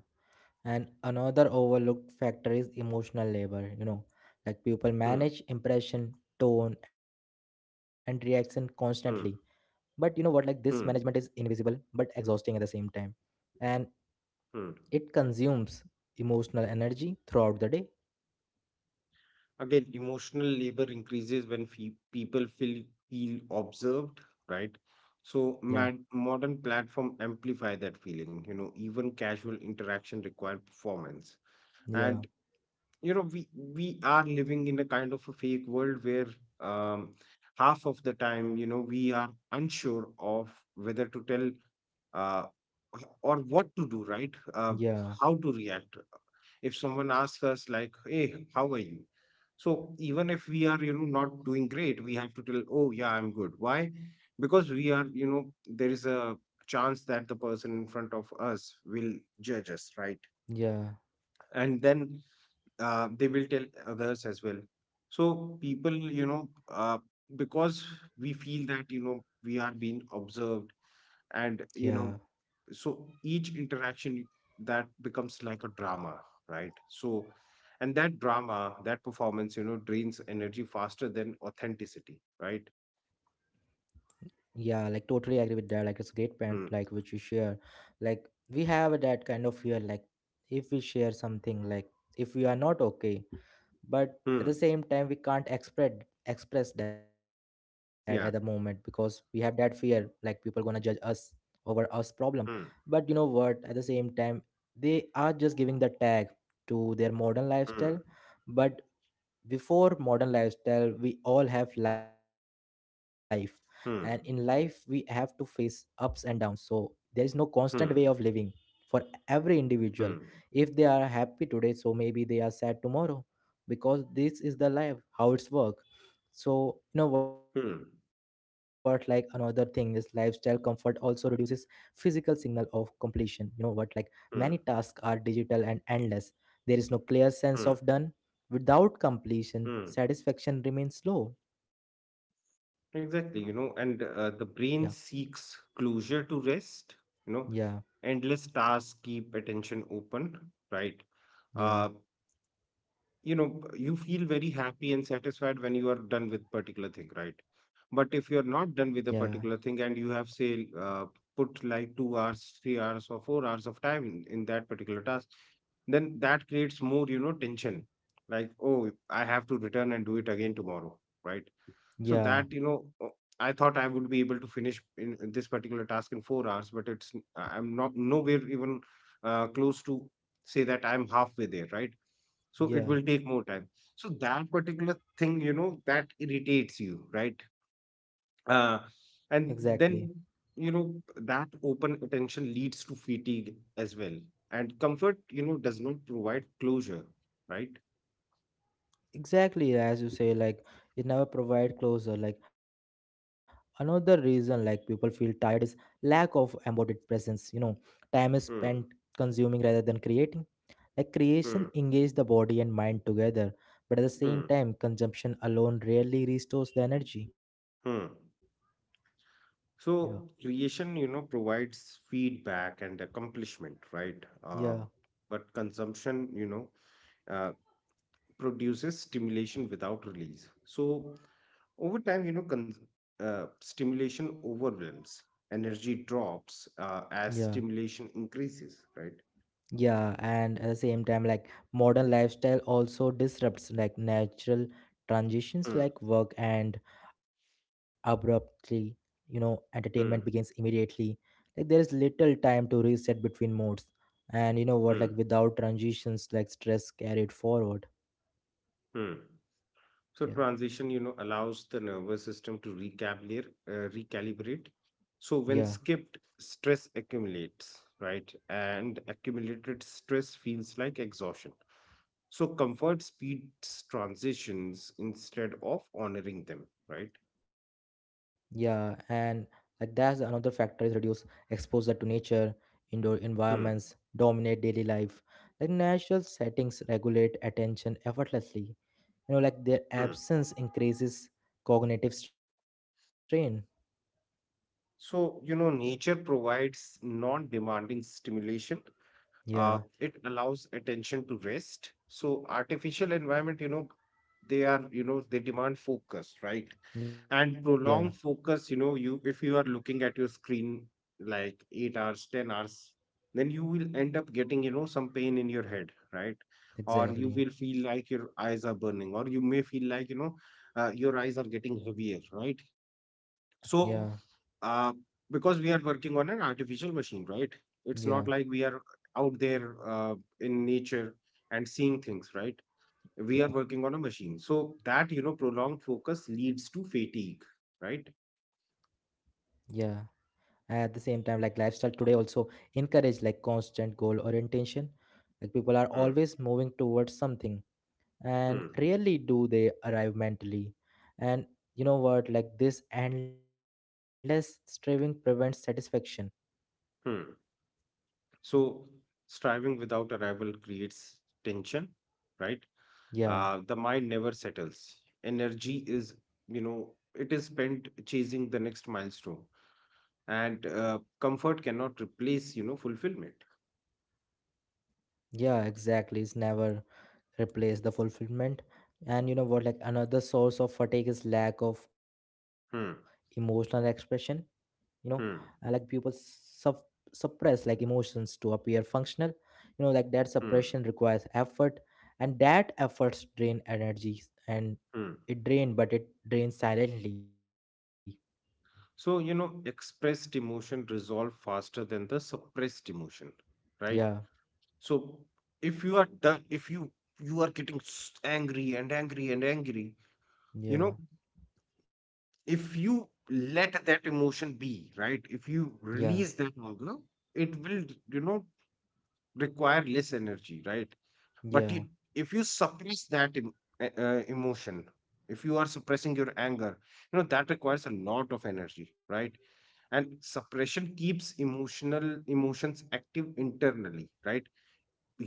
Speaker 1: And another overlooked factor is emotional labor, you know, like people
Speaker 2: Hmm.
Speaker 1: manage impression, tone, and reaction constantly.
Speaker 2: Hmm.
Speaker 1: But you know what, like this
Speaker 2: Hmm.
Speaker 1: management is invisible but exhausting at the same time. And
Speaker 2: Hmm.
Speaker 1: it consumes emotional energy throughout the day.
Speaker 2: Again, emotional labor increases when fe- people feel feel observed, right?
Speaker 1: Yeah,
Speaker 2: So mad- modern platform amplify that feeling. You know, even casual interaction require performance,
Speaker 1: yeah,
Speaker 2: and you know, we we are living in a kind of a fake world where, um, half of the time, you know, we are unsure of whether to tell, uh, or what to do, right? Uh,
Speaker 1: yeah,
Speaker 2: how to react if someone asks us like, "Hey, how are you?" So even if we are, you know, not doing great, we have to tell, "Oh, yeah, I'm good." Why? Because we are, you know, there is a chance that the person in front of us will judge us, right?
Speaker 1: yeah,
Speaker 2: And then uh, they will tell others as well. So people, you know, uh, because we feel that you know we are being observed, and
Speaker 1: yeah,
Speaker 2: you know so each interaction, that becomes like a drama, right so and that drama, that performance, you know drains energy faster than authenticity, right?
Speaker 1: yeah. Like totally agree with that. Like it's great point, like
Speaker 2: Hmm.
Speaker 1: which you share. Like we have that kind of fear, like if we share something, like if we are not okay, but at the
Speaker 2: Hmm.
Speaker 1: same time we can't express express that at the moment, because we
Speaker 2: Yeah.
Speaker 1: have that fear like people gonna judge us over our problem.
Speaker 2: Hmm.
Speaker 1: But you know what, at the same time they are just giving the tag to their modern lifestyle.
Speaker 2: Hmm.
Speaker 1: But before modern lifestyle we all have life, and in life we have to
Speaker 2: Hmm.
Speaker 1: face ups and downs. So there is no constant way of
Speaker 2: Hmm.
Speaker 1: living for every individual.
Speaker 2: Hmm.
Speaker 1: If they are happy today, so maybe they are sad tomorrow, because this is the life, how it's work. So you know what, like
Speaker 2: Hmm.
Speaker 1: another thing is lifestyle comfort also reduces physical signal of completion. You know what, like many
Speaker 2: Hmm.
Speaker 1: tasks are digital and endless. There is no clear sense
Speaker 2: Hmm.
Speaker 1: of done. Without completion,
Speaker 2: Hmm.
Speaker 1: satisfaction remains low.
Speaker 2: Exactly, you know and
Speaker 1: Yeah,
Speaker 2: uh, the brain seeks closure to rest. you know
Speaker 1: yeah,
Speaker 2: Endless tasks keep attention open, right?
Speaker 1: yeah,
Speaker 2: uh, you know you feel very happy and satisfied when you are done with particular thing, right? But
Speaker 1: yeah,
Speaker 2: if you're not done with a particular thing and you have, say, uh, put like two hours, three hours or four hours of time in, in that particular task, then that creates more, you know tension, like, oh, I have to return and do it again tomorrow, right? So
Speaker 1: yeah,
Speaker 2: that, you know uh, I thought I would be able to finish in in this particular task in four hours, but it's I'm not nowhere even uh, close to say that I'm halfway there, right? So it
Speaker 1: yeah.
Speaker 2: will take more time. So that particular thing, you know that irritates you, right? uh,
Speaker 1: Exactly.
Speaker 2: and then you know That open attention leads to fatigue as well, and comfort, you know does not provide closure, right?
Speaker 1: Exactly, as you say, like it never provide closure. Like another reason like people feel tired is lack of embodied presence. You know, time is spent
Speaker 2: Hmm.
Speaker 1: consuming rather than creating. Like creation
Speaker 2: Hmm.
Speaker 1: engage the body and mind together, but at the same
Speaker 2: Hmm.
Speaker 1: time, consumption alone rarely restores the energy.
Speaker 2: Hmm.
Speaker 1: Yeah,
Speaker 2: So creation, you know provides feedback and accomplishment, right? Uh,
Speaker 1: yeah,
Speaker 2: but consumption, you know uh, produces stimulation without release. So over time, you know, con- uh, stimulation overwhelms, energy drops uh, as
Speaker 1: yeah.
Speaker 2: stimulation increases, right?
Speaker 1: Yeah, and at the same time, like modern lifestyle also disrupts like natural transitions
Speaker 2: Hmm.
Speaker 1: like work and abruptly, you know, entertainment begins
Speaker 2: Hmm.
Speaker 1: immediately. Like there is little time to reset between modes. And you know what, like
Speaker 2: Hmm.
Speaker 1: without transitions, like stress carried forward.
Speaker 2: Hmm. So
Speaker 1: Yeah.
Speaker 2: transition, you know, allows the nervous system to recalibrate, uh, recalibrate. So
Speaker 1: Yeah.
Speaker 2: when skipped, stress accumulates, right? And accumulated stress feels like exhaustion. So comfort speeds transitions instead of honoring them, right?
Speaker 1: Yeah, and like that's another factor is reduce exposure to nature, indoor
Speaker 2: Hmm.
Speaker 1: environments dominate daily life. Like natural settings regulate attention effortlessly. You know, like their absence increases cognitive strain.
Speaker 2: So, you know, nature provides non-demanding stimulation. Uh,
Speaker 1: Yeah,
Speaker 2: it allows attention to rest. So artificial environment, you know, they are, you know, they demand focus, right?
Speaker 1: yeah,
Speaker 2: And prolonged focus, you know, you if you are looking at your screen like eight hours, ten hours, then you will end up getting, you know, some pain in your head, right? Or you
Speaker 1: exactly.
Speaker 2: will feel like your eyes are burning, or you may feel like, you know, uh, your eyes are getting heavier, right?
Speaker 1: Yeah,
Speaker 2: So, uh, because we are working on an artificial machine, right? It's
Speaker 1: yeah,
Speaker 2: not like we are out there uh, in nature and seeing things, right? We are
Speaker 1: yeah,
Speaker 2: working on a machine. So that, you know, prolonged focus leads to fatigue, right?
Speaker 1: yeah. At the same time, like lifestyle today also encourage like constant goal orientation. Like people are always
Speaker 2: Hmm.
Speaker 1: moving towards something and
Speaker 2: Hmm.
Speaker 1: rarely do they arrive mentally. And you know what, like this endless striving prevents satisfaction.
Speaker 2: Hmm.
Speaker 1: yeah
Speaker 2: So striving without arrival creates tension, right?
Speaker 1: yeah
Speaker 2: Uh, the mind never settles. Energy is, you know, it is spent chasing the next milestone, and uh, comfort cannot replace, you know fulfillment.
Speaker 1: yeah Exactly, it's never replace the fulfillment. And you know what, like another source of fatigue is lack of emotional
Speaker 2: Hmm.
Speaker 1: expression. You know, uh, like people
Speaker 2: Hmm.
Speaker 1: sup- suppress like emotions to appear functional. You know, like that suppression
Speaker 2: Hmm.
Speaker 1: requires effort, and that efforts drain energy, and
Speaker 2: Hmm.
Speaker 1: it drain but it drains silently.
Speaker 2: So, you know expressed emotion resolve faster than the suppressed emotion, right?
Speaker 1: yeah
Speaker 2: So if you are done if you you are getting s- angry and angry and angry, you know
Speaker 1: yeah
Speaker 2: if you let that emotion be, right? If you
Speaker 1: yeah
Speaker 2: release that anger, it will, you know require less energy, right? But you,
Speaker 1: yeah
Speaker 2: if you suppress that em- e- uh, emotion, if you are suppressing your anger, you know that requires a lot of energy, right? And suppression keeps emotional emotions active internally, right?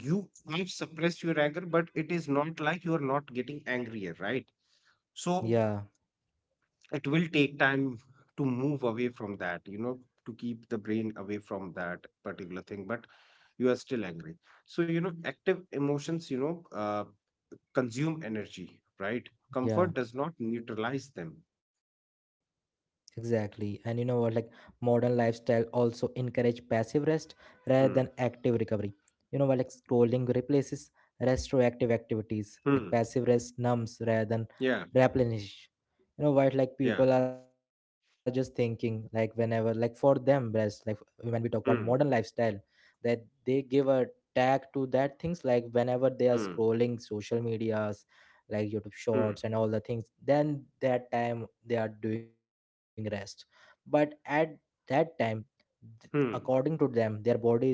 Speaker 2: You have suppressed your anger, but it is not like you are not getting angrier, right?
Speaker 1: yeah
Speaker 2: So it will take time to move away from that, you know to keep the brain away from that particular thing, but you are still angry. So, you know active emotions, you know uh, consume energy, right?
Speaker 1: yeah
Speaker 2: Comfort does not neutralize them.
Speaker 1: Exactly. And you know what, like modern lifestyle also encourage passive rest rather than active
Speaker 2: Hmm.
Speaker 1: recovery. You know what, like scrolling replaces restorative activities. Like
Speaker 2: Hmm.
Speaker 1: passive rest numbs rather than
Speaker 2: Yeah.
Speaker 1: replenish. You know what, like
Speaker 2: Yeah.
Speaker 1: people are just thinking like whenever, like for them rest, like when we talk about modern
Speaker 2: Hmm.
Speaker 1: lifestyle, that they give a tag to that things like whenever they are
Speaker 2: Hmm.
Speaker 1: scrolling social media like YouTube
Speaker 2: Hmm.
Speaker 1: shorts and all the things, then that time they are doing rest. But at that time, Th-
Speaker 2: Hmm.
Speaker 1: according to them, their body is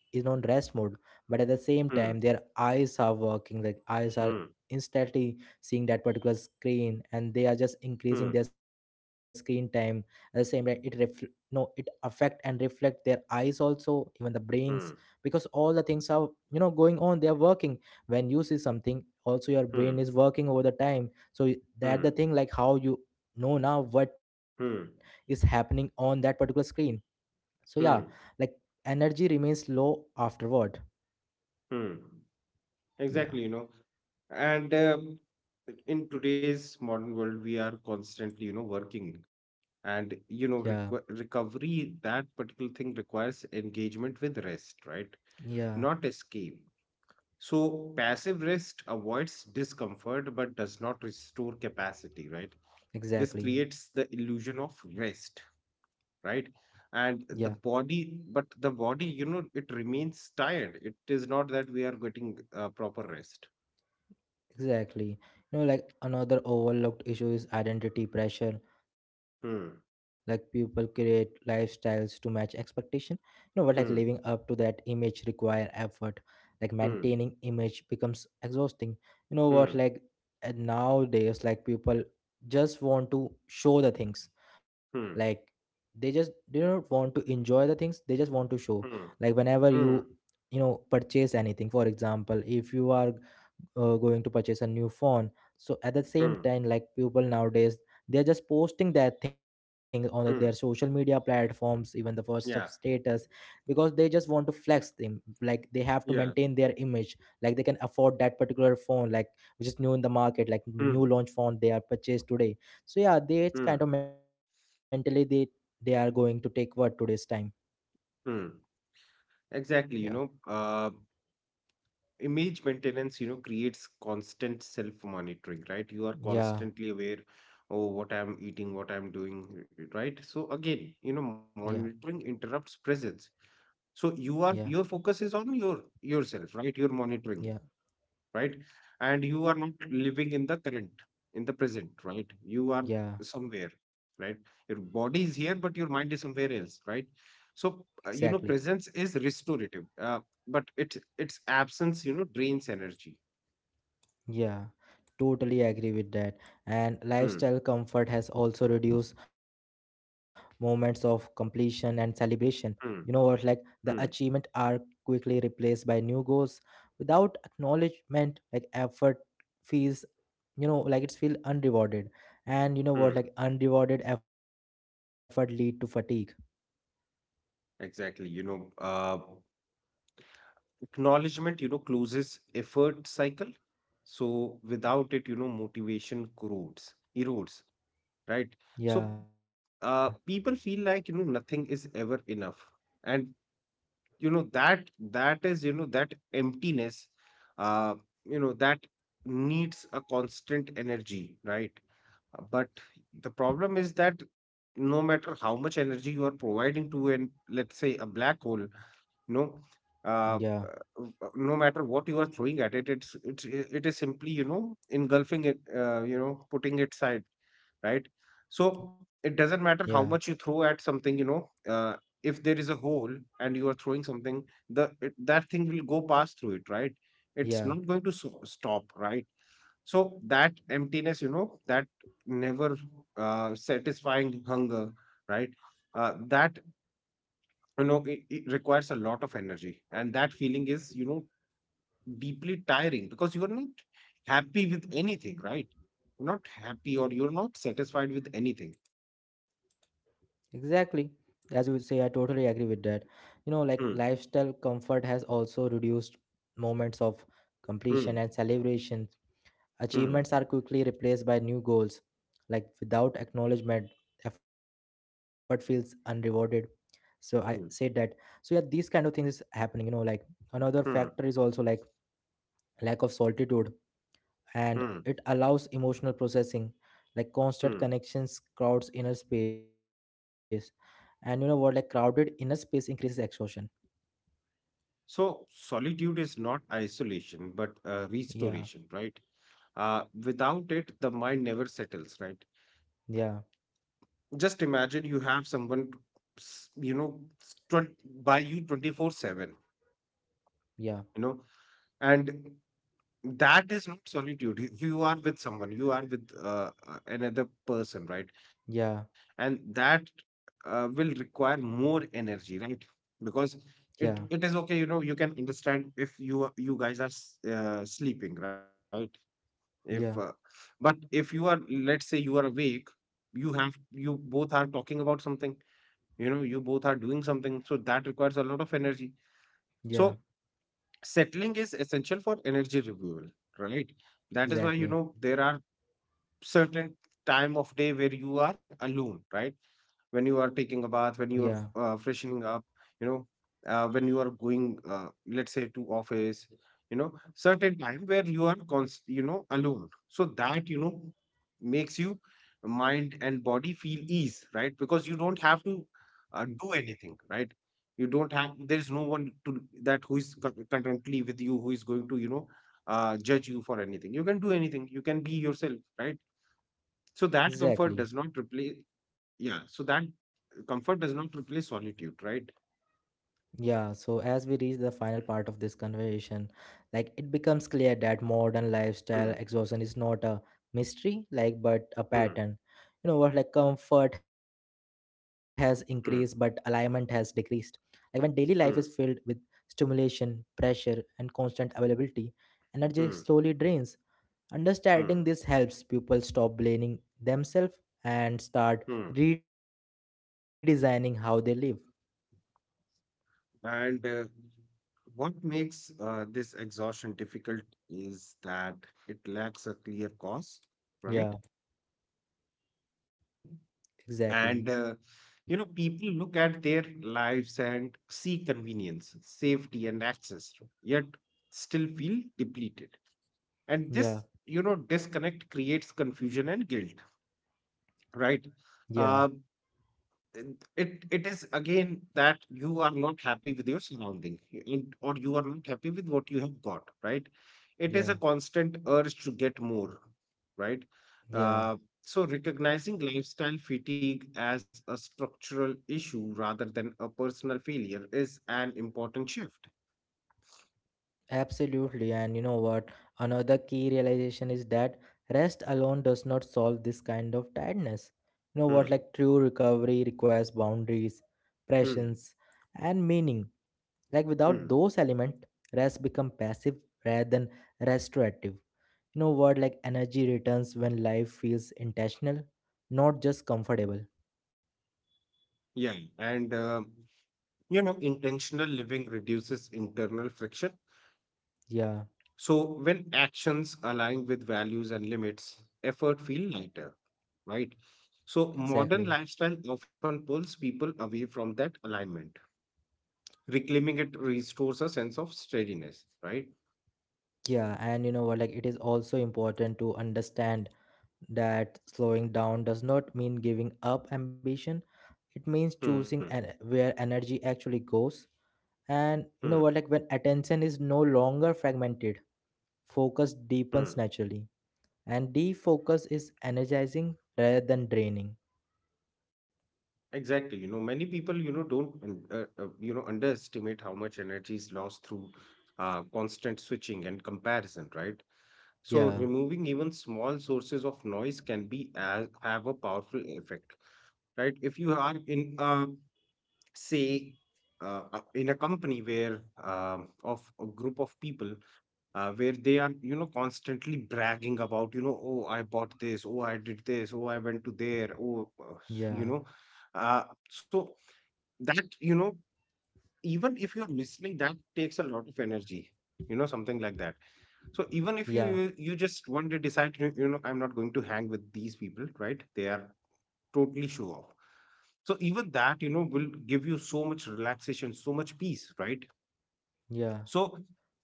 Speaker 1: is on rest mode, but at the same
Speaker 2: Hmm.
Speaker 1: time, their eyes are working. Like eyes are
Speaker 2: Hmm.
Speaker 1: instantly seeing that particular screen, and they are just increasing
Speaker 2: Hmm.
Speaker 1: their screen time. At the same time, it refl- no, it affect and reflect their eyes also, even the brains,
Speaker 2: Hmm.
Speaker 1: because all the things are, you know, going on. They are working. When you see something, also your
Speaker 2: Hmm. Hmm.
Speaker 1: brain is working over the time. So that the
Speaker 2: Hmm.
Speaker 1: thing like how you know now what is
Speaker 2: Hmm.
Speaker 1: happening on that particular screen. So yeah, like
Speaker 2: Hmm.
Speaker 1: energy remains low afterward.
Speaker 2: hmm.
Speaker 1: yeah
Speaker 2: Exactly, you know. And um, in today's modern world, we are constantly, you know, working. And,
Speaker 1: yeah
Speaker 2: you know, requ- recovery, that particular thing requires engagement with rest, right?
Speaker 1: yeah
Speaker 2: Not escape. So passive rest avoids discomfort but does not restore capacity, right? This
Speaker 1: Exactly.
Speaker 2: creates the illusion of rest, right?
Speaker 1: yeah
Speaker 2: And the body, but the body, you know, it remains tired. It is not that we are getting uh, proper rest.
Speaker 1: Exactly. You know, like another overlooked issue is identity pressure. Like people
Speaker 2: Hmm.
Speaker 1: create lifestyles to match expectation. You know, but like living up to
Speaker 2: Hmm.
Speaker 1: that image require effort. Like
Speaker 2: Hmm.
Speaker 1: maintaining image becomes exhausting. You know what?
Speaker 2: Hmm.
Speaker 1: Like uh, nowadays, like people just want to show the things. Like
Speaker 2: Hmm.
Speaker 1: they just don't want to enjoy the things. They just want to show.
Speaker 2: Hmm.
Speaker 1: Like whenever you
Speaker 2: Hmm.
Speaker 1: you know purchase anything, for example, if you are uh, going to purchase a new phone, so at the same
Speaker 2: Hmm.
Speaker 1: time like people nowadays they're just posting that thing on the- their social
Speaker 2: Mm.
Speaker 1: media platforms, even the first of
Speaker 2: Yeah.
Speaker 1: status, because they just want to flex them, like they have to
Speaker 2: Yeah.
Speaker 1: maintain their image, like they can afford that particular phone, like which is new in the market,
Speaker 2: Hmm.
Speaker 1: like new launch phone they are purchased today.
Speaker 2: Hmm.
Speaker 1: So yeah, they it's kind of mentally they they are going to take what today's time.
Speaker 2: Hmm. Exactly, you know,
Speaker 1: yeah
Speaker 2: uh, image maintenance, you know, creates constant self-monitoring, right? You are constantly aware,
Speaker 1: yeah
Speaker 2: oh, what I'm eating, what I'm doing, right? So again, you know,
Speaker 1: yeah
Speaker 2: monitoring interrupts presence. So you are
Speaker 1: yeah
Speaker 2: your focus is on your yourself, right? You're monitoring.
Speaker 1: yeah
Speaker 2: Right? And you are not living in the current, in the present, right? You are
Speaker 1: yeah
Speaker 2: somewhere, right? Your body is here but your mind is somewhere else, right? So,
Speaker 1: Exactly.
Speaker 2: uh, you know presence is restorative, uh, but it its absence, you know drains energy.
Speaker 1: Yeah, totally agree with that. And
Speaker 2: Hmm.
Speaker 1: lifestyle comfort has also reduced moments of completion and celebration. You know what,
Speaker 2: Hmm.
Speaker 1: like the
Speaker 2: Hmm.
Speaker 1: achievement are quickly replaced by new goals without acknowledgement, like effort feels, you know, like it's feel unrewarded. And you know
Speaker 2: Hmm.
Speaker 1: what, like unrewarded effort lead to fatigue.
Speaker 2: Exactly, you know uh, acknowledgement, you know closes effort cycle, so without it, you know motivation corrodes, erodes, right?
Speaker 1: Yeah,
Speaker 2: So uh, people feel like, you know nothing is ever enough, and you know that that is you know that emptiness, uh, you know that needs a constant energy, right? Uh, but the problem is that no matter how much energy you are providing to an, let's say, a black hole, you know uh,
Speaker 1: yeah,
Speaker 2: uh, uh, no matter what you are throwing at it, it's it's it is simply, you know engulfing it, uh, you know putting it side, right? So
Speaker 1: yeah,
Speaker 2: it doesn't matter how much you throw at something, you know, uh, if there is a hole and you are throwing something, the it, that thing will go past through it, right? It's
Speaker 1: yeah.
Speaker 2: not going to so- stop, right? So that emptiness, you know, that never, uh, satisfying hunger, right? Uh, that you know it, it requires a lot of energy, and that feeling is, you know deeply tiring, because you are not happy with anything, right? You're not happy or you're not satisfied with anything.
Speaker 1: Exactly. As you say, I totally agree with that. You know, like lifestyle comfort has also reduced moments of completion
Speaker 2: Mm.
Speaker 1: and celebration.
Speaker 2: Mm.
Speaker 1: Achievements are quickly replaced by new goals. Like without acknowledgement, effort feels unrewarded. So I say that. So
Speaker 2: Mm.
Speaker 1: yeah, these kind of things is happening, you know, like another factor is
Speaker 2: Mm.
Speaker 1: also like lack of solitude, and
Speaker 2: Mm.
Speaker 1: it allows emotional processing. Like constant
Speaker 2: Mm.
Speaker 1: connections crowds inner space, and you know what, like crowded inner space increases exhaustion.
Speaker 2: So solitude is not isolation, but uh,
Speaker 1: yeah
Speaker 2: restoration, right? Uh, without it, the mind never settles, right?
Speaker 1: yeah
Speaker 2: Just imagine you have someone, s- you know, s- twen- by you twenty-four seven,
Speaker 1: yeah
Speaker 2: you know, and that is not solitude. You you are with someone, you are with uh, uh, another person, right? And
Speaker 1: yeah
Speaker 2: that, uh, will require more energy, right? Because
Speaker 1: yeah
Speaker 2: it it is okay, you know you can understand if you are- you guys are s- uh, sleeping, right? if uh,
Speaker 1: yeah
Speaker 2: but if you are, let's say, you are awake, you have you both are talking about something, you know you both are doing something, so that requires a lot of energy. So
Speaker 1: yeah
Speaker 2: settling is essential for energy renewal, right? That is why, you know
Speaker 1: Exactly.
Speaker 2: there are certain time of day where you are alone, right? When you are
Speaker 1: yeah
Speaker 2: taking a bath, when you are uh, freshening up, you know uh, when you are going, uh, let's say, to office, you know certain time where you are const- you know alone, so that, you know makes you mind and body feel ease, right? Because you don't have to uh, do anything, right? You don't have, there's no one to that who is con- currently with you, who is going to, you know uh, judge you for anything. You can do anything, you can be yourself, right? So that comfort does
Speaker 1: exactly
Speaker 2: not replace. Yeah, so that comfort does not replace solitude, right?
Speaker 1: Yeah, so as we reach the final part of this conversation, like it becomes clear that modern lifestyle
Speaker 2: Hmm.
Speaker 1: exhaustion is not a mystery, like but a
Speaker 2: Hmm.
Speaker 1: pattern. You know what, like comfort has increased, but alignment has
Speaker 2: Hmm.
Speaker 1: decreased. Like when daily life is filled with
Speaker 2: Hmm.
Speaker 1: stimulation, pressure, and constant availability, energy slowly
Speaker 2: Hmm.
Speaker 1: drains. Understanding this
Speaker 2: Hmm.
Speaker 1: helps people stop blaming themselves and start
Speaker 2: Hmm.
Speaker 1: redesigning how they live.
Speaker 2: And uh, what makes, uh, this exhaustion difficult is that it lacks a clear cause, right?
Speaker 1: Yeah, exactly.
Speaker 2: And uh, you know, people look at their lives and see convenience, safety, and access, yet still feel depleted. And
Speaker 1: Yeah,
Speaker 2: this, you know, disconnect creates confusion and guilt, right?
Speaker 1: yeah.
Speaker 2: Uh, it it is again that you are not happy with your surrounding, you- and- or you are not happy with what you have got, right? It is
Speaker 1: Yeah,
Speaker 2: a constant urge to get more, right?
Speaker 1: yeah,
Speaker 2: uh, so recognizing lifestyle fatigue as a structural issue rather than a personal failure is an important shift.
Speaker 1: absolutely. And you know what? Another key realization is that rest alone does not solve this kind of tiredness. You know what?
Speaker 2: Hmm.
Speaker 1: Like true recovery requires boundaries,
Speaker 2: Hmm.
Speaker 1: presence, and meaning. Like
Speaker 2: Hmm.
Speaker 1: without those elements, rest become passive rather than restorative. You know what? Like energy returns when life feels intentional, not just comfortable.
Speaker 2: Yeah. And um you know intentional living reduces internal friction.
Speaker 1: Yeah,
Speaker 2: So when actions align with values and limits, effort feel lighter, right? So modern
Speaker 1: exactly.
Speaker 2: lifestyle often pulls people away from that alignment. Reclaiming it restores a sense of steadiness, right?
Speaker 1: Yeah, and you know what? Like it is also important to understand that slowing down does not mean giving up ambition, it means
Speaker 2: Hmm.
Speaker 1: choosing en- where energy actually goes. And you
Speaker 2: Hmm.
Speaker 1: know what, like when attention is no longer fragmented, focus
Speaker 2: Hmm.
Speaker 1: deepens naturally, and defocus is energizing rather than draining.
Speaker 2: Exactly. You know, many people, you know, don't, un- uh, uh, you know, underestimate how much energy is lost through uh, constant switching and comparison, right? So
Speaker 1: yeah
Speaker 2: removing even small sources of noise can be as have a powerful effect, right? If you are in a, say, uh, uh, in a company where, um, of a group of people, uh, where they are, you know constantly bragging about, you know oh, I bought this, oh, I did this, oh, I went to there, oh uh, s-
Speaker 1: yeah
Speaker 2: you know uh, so that, you know even if you're listening, that takes a lot of energy, you know something like that. So
Speaker 1: yeah
Speaker 2: even if you you, you just one day decide, you, you know I'm not going to hang with these people, right? They are totally show off. So even that, you know will give you so much relaxation, so much peace, right?
Speaker 1: yeah
Speaker 2: So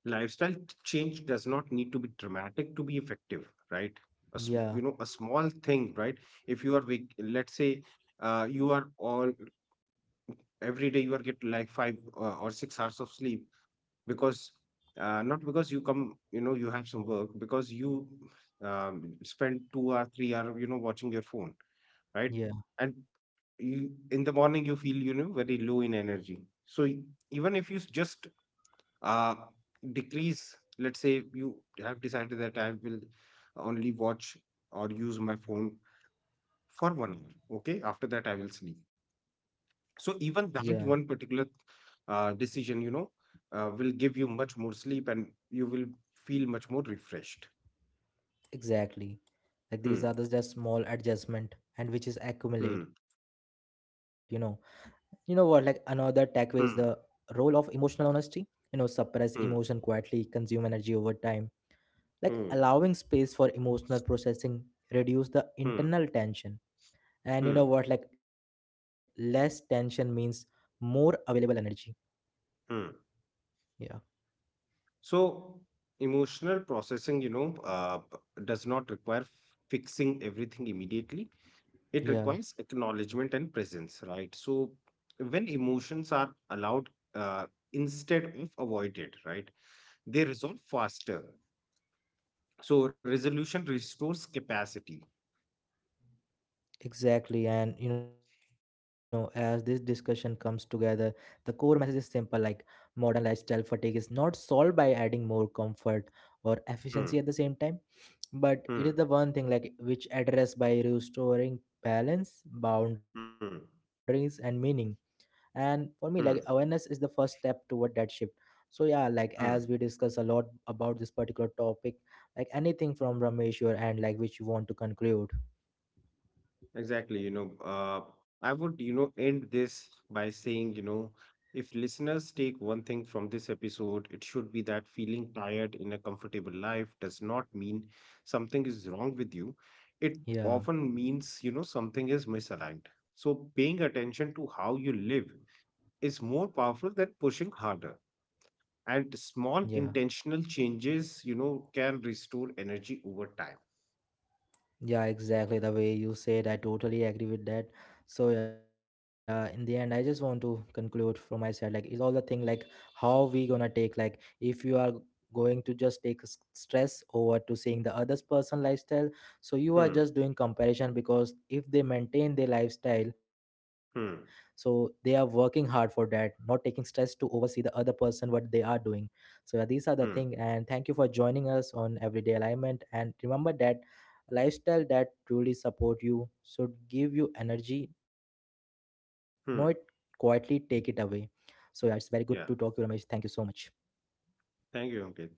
Speaker 2: lifestyle t- change does not need to be dramatic to be effective, right? A, sm-
Speaker 1: yeah
Speaker 2: you know a small thing, right? If you are wak- let's say, uh, you are all every day you are get like five uh, or six hours of sleep, because, uh, not because you come, you know you have some work, because you, um, spend two or three hour, you know watching your phone, right?
Speaker 1: yeah
Speaker 2: And you in the morning you feel, you know very low in energy, so y- even if you s- just uh decrease, let's say you have decided that I will only watch or use my phone for one hour, okay, after that I will sleep.
Speaker 1: yeah
Speaker 2: So even that one particular, uh, decision, you know uh, will give you much more sleep and you will feel much more refreshed.
Speaker 1: Exactly, like these
Speaker 2: Hmm.
Speaker 1: are the just small adjustment and which is accumulate, you
Speaker 2: Hmm.
Speaker 1: know. You know what, like another takeaway is the role of
Speaker 2: Hmm.
Speaker 1: emotional honesty. You know, suppress emotion
Speaker 2: Hmm.
Speaker 1: quietly consume energy over time. Like
Speaker 2: Hmm.
Speaker 1: allowing space for emotional processing reduce the
Speaker 2: Hmm.
Speaker 1: internal tension, and you
Speaker 2: Hmm.
Speaker 1: know what, like less tension means more available energy.
Speaker 2: Hmm.
Speaker 1: yeah
Speaker 2: So emotional processing, you know, uh, does not require fixing everything immediately. It
Speaker 1: yeah
Speaker 2: requires acknowledgement and presence, right? So when emotions are allowed, uh, instead of avoided, right, they resolve faster. So resolution restores capacity.
Speaker 1: exactly. And you know, as this discussion comes together, the core message is simple, like modern lifestyle fatigue is not solved by adding more comfort or efficiency
Speaker 2: Hmm.
Speaker 1: at the same time, but it is
Speaker 2: Hmm.
Speaker 1: the one thing like which address by restoring balance, boundaries
Speaker 2: Hmm.
Speaker 1: and meaning. And for me, like awareness
Speaker 2: Hmm.
Speaker 1: is the first step toward that shift. So yeah, like as we
Speaker 2: Hmm.
Speaker 1: discuss a lot about this particular topic, like anything from Ramesh your end, like which you want to conclude.
Speaker 2: Exactly, you know, uh, I would, you know, end this by saying, you know, if listeners take one thing from this episode, it should be that feeling tired in a comfortable life does not mean something is wrong with you. It
Speaker 1: yeah
Speaker 2: often means, you know, something is misaligned. So paying attention to how you live is more powerful than pushing harder. And
Speaker 1: yeah
Speaker 2: small intentional changes, you know, can restore energy over time.
Speaker 1: Yeah, exactly. The way you said, I totally agree with that. So yeah, in the end, I just want to conclude from my side. Like it's all the thing like how we gonna take, like if you are going to just take s- stress over to seeing the other's person lifestyle, so you are
Speaker 2: Hmm.
Speaker 1: just doing comparison, because if they maintain their lifestyle, so they are
Speaker 2: Hmm.
Speaker 1: working hard for that, not taking stress to oversee the other person what they are doing. So yeah, these are the thing.
Speaker 2: Hmm.
Speaker 1: And thank you for joining us on Everyday Alignment. And remember that a lifestyle that truly support you should give you energy, not quietly take
Speaker 2: Hmm.
Speaker 1: it away. So yeah, it's very good to talk to you, Ramesh.
Speaker 2: Yeah.
Speaker 1: Thank you so much.
Speaker 2: Thank you, Ankit.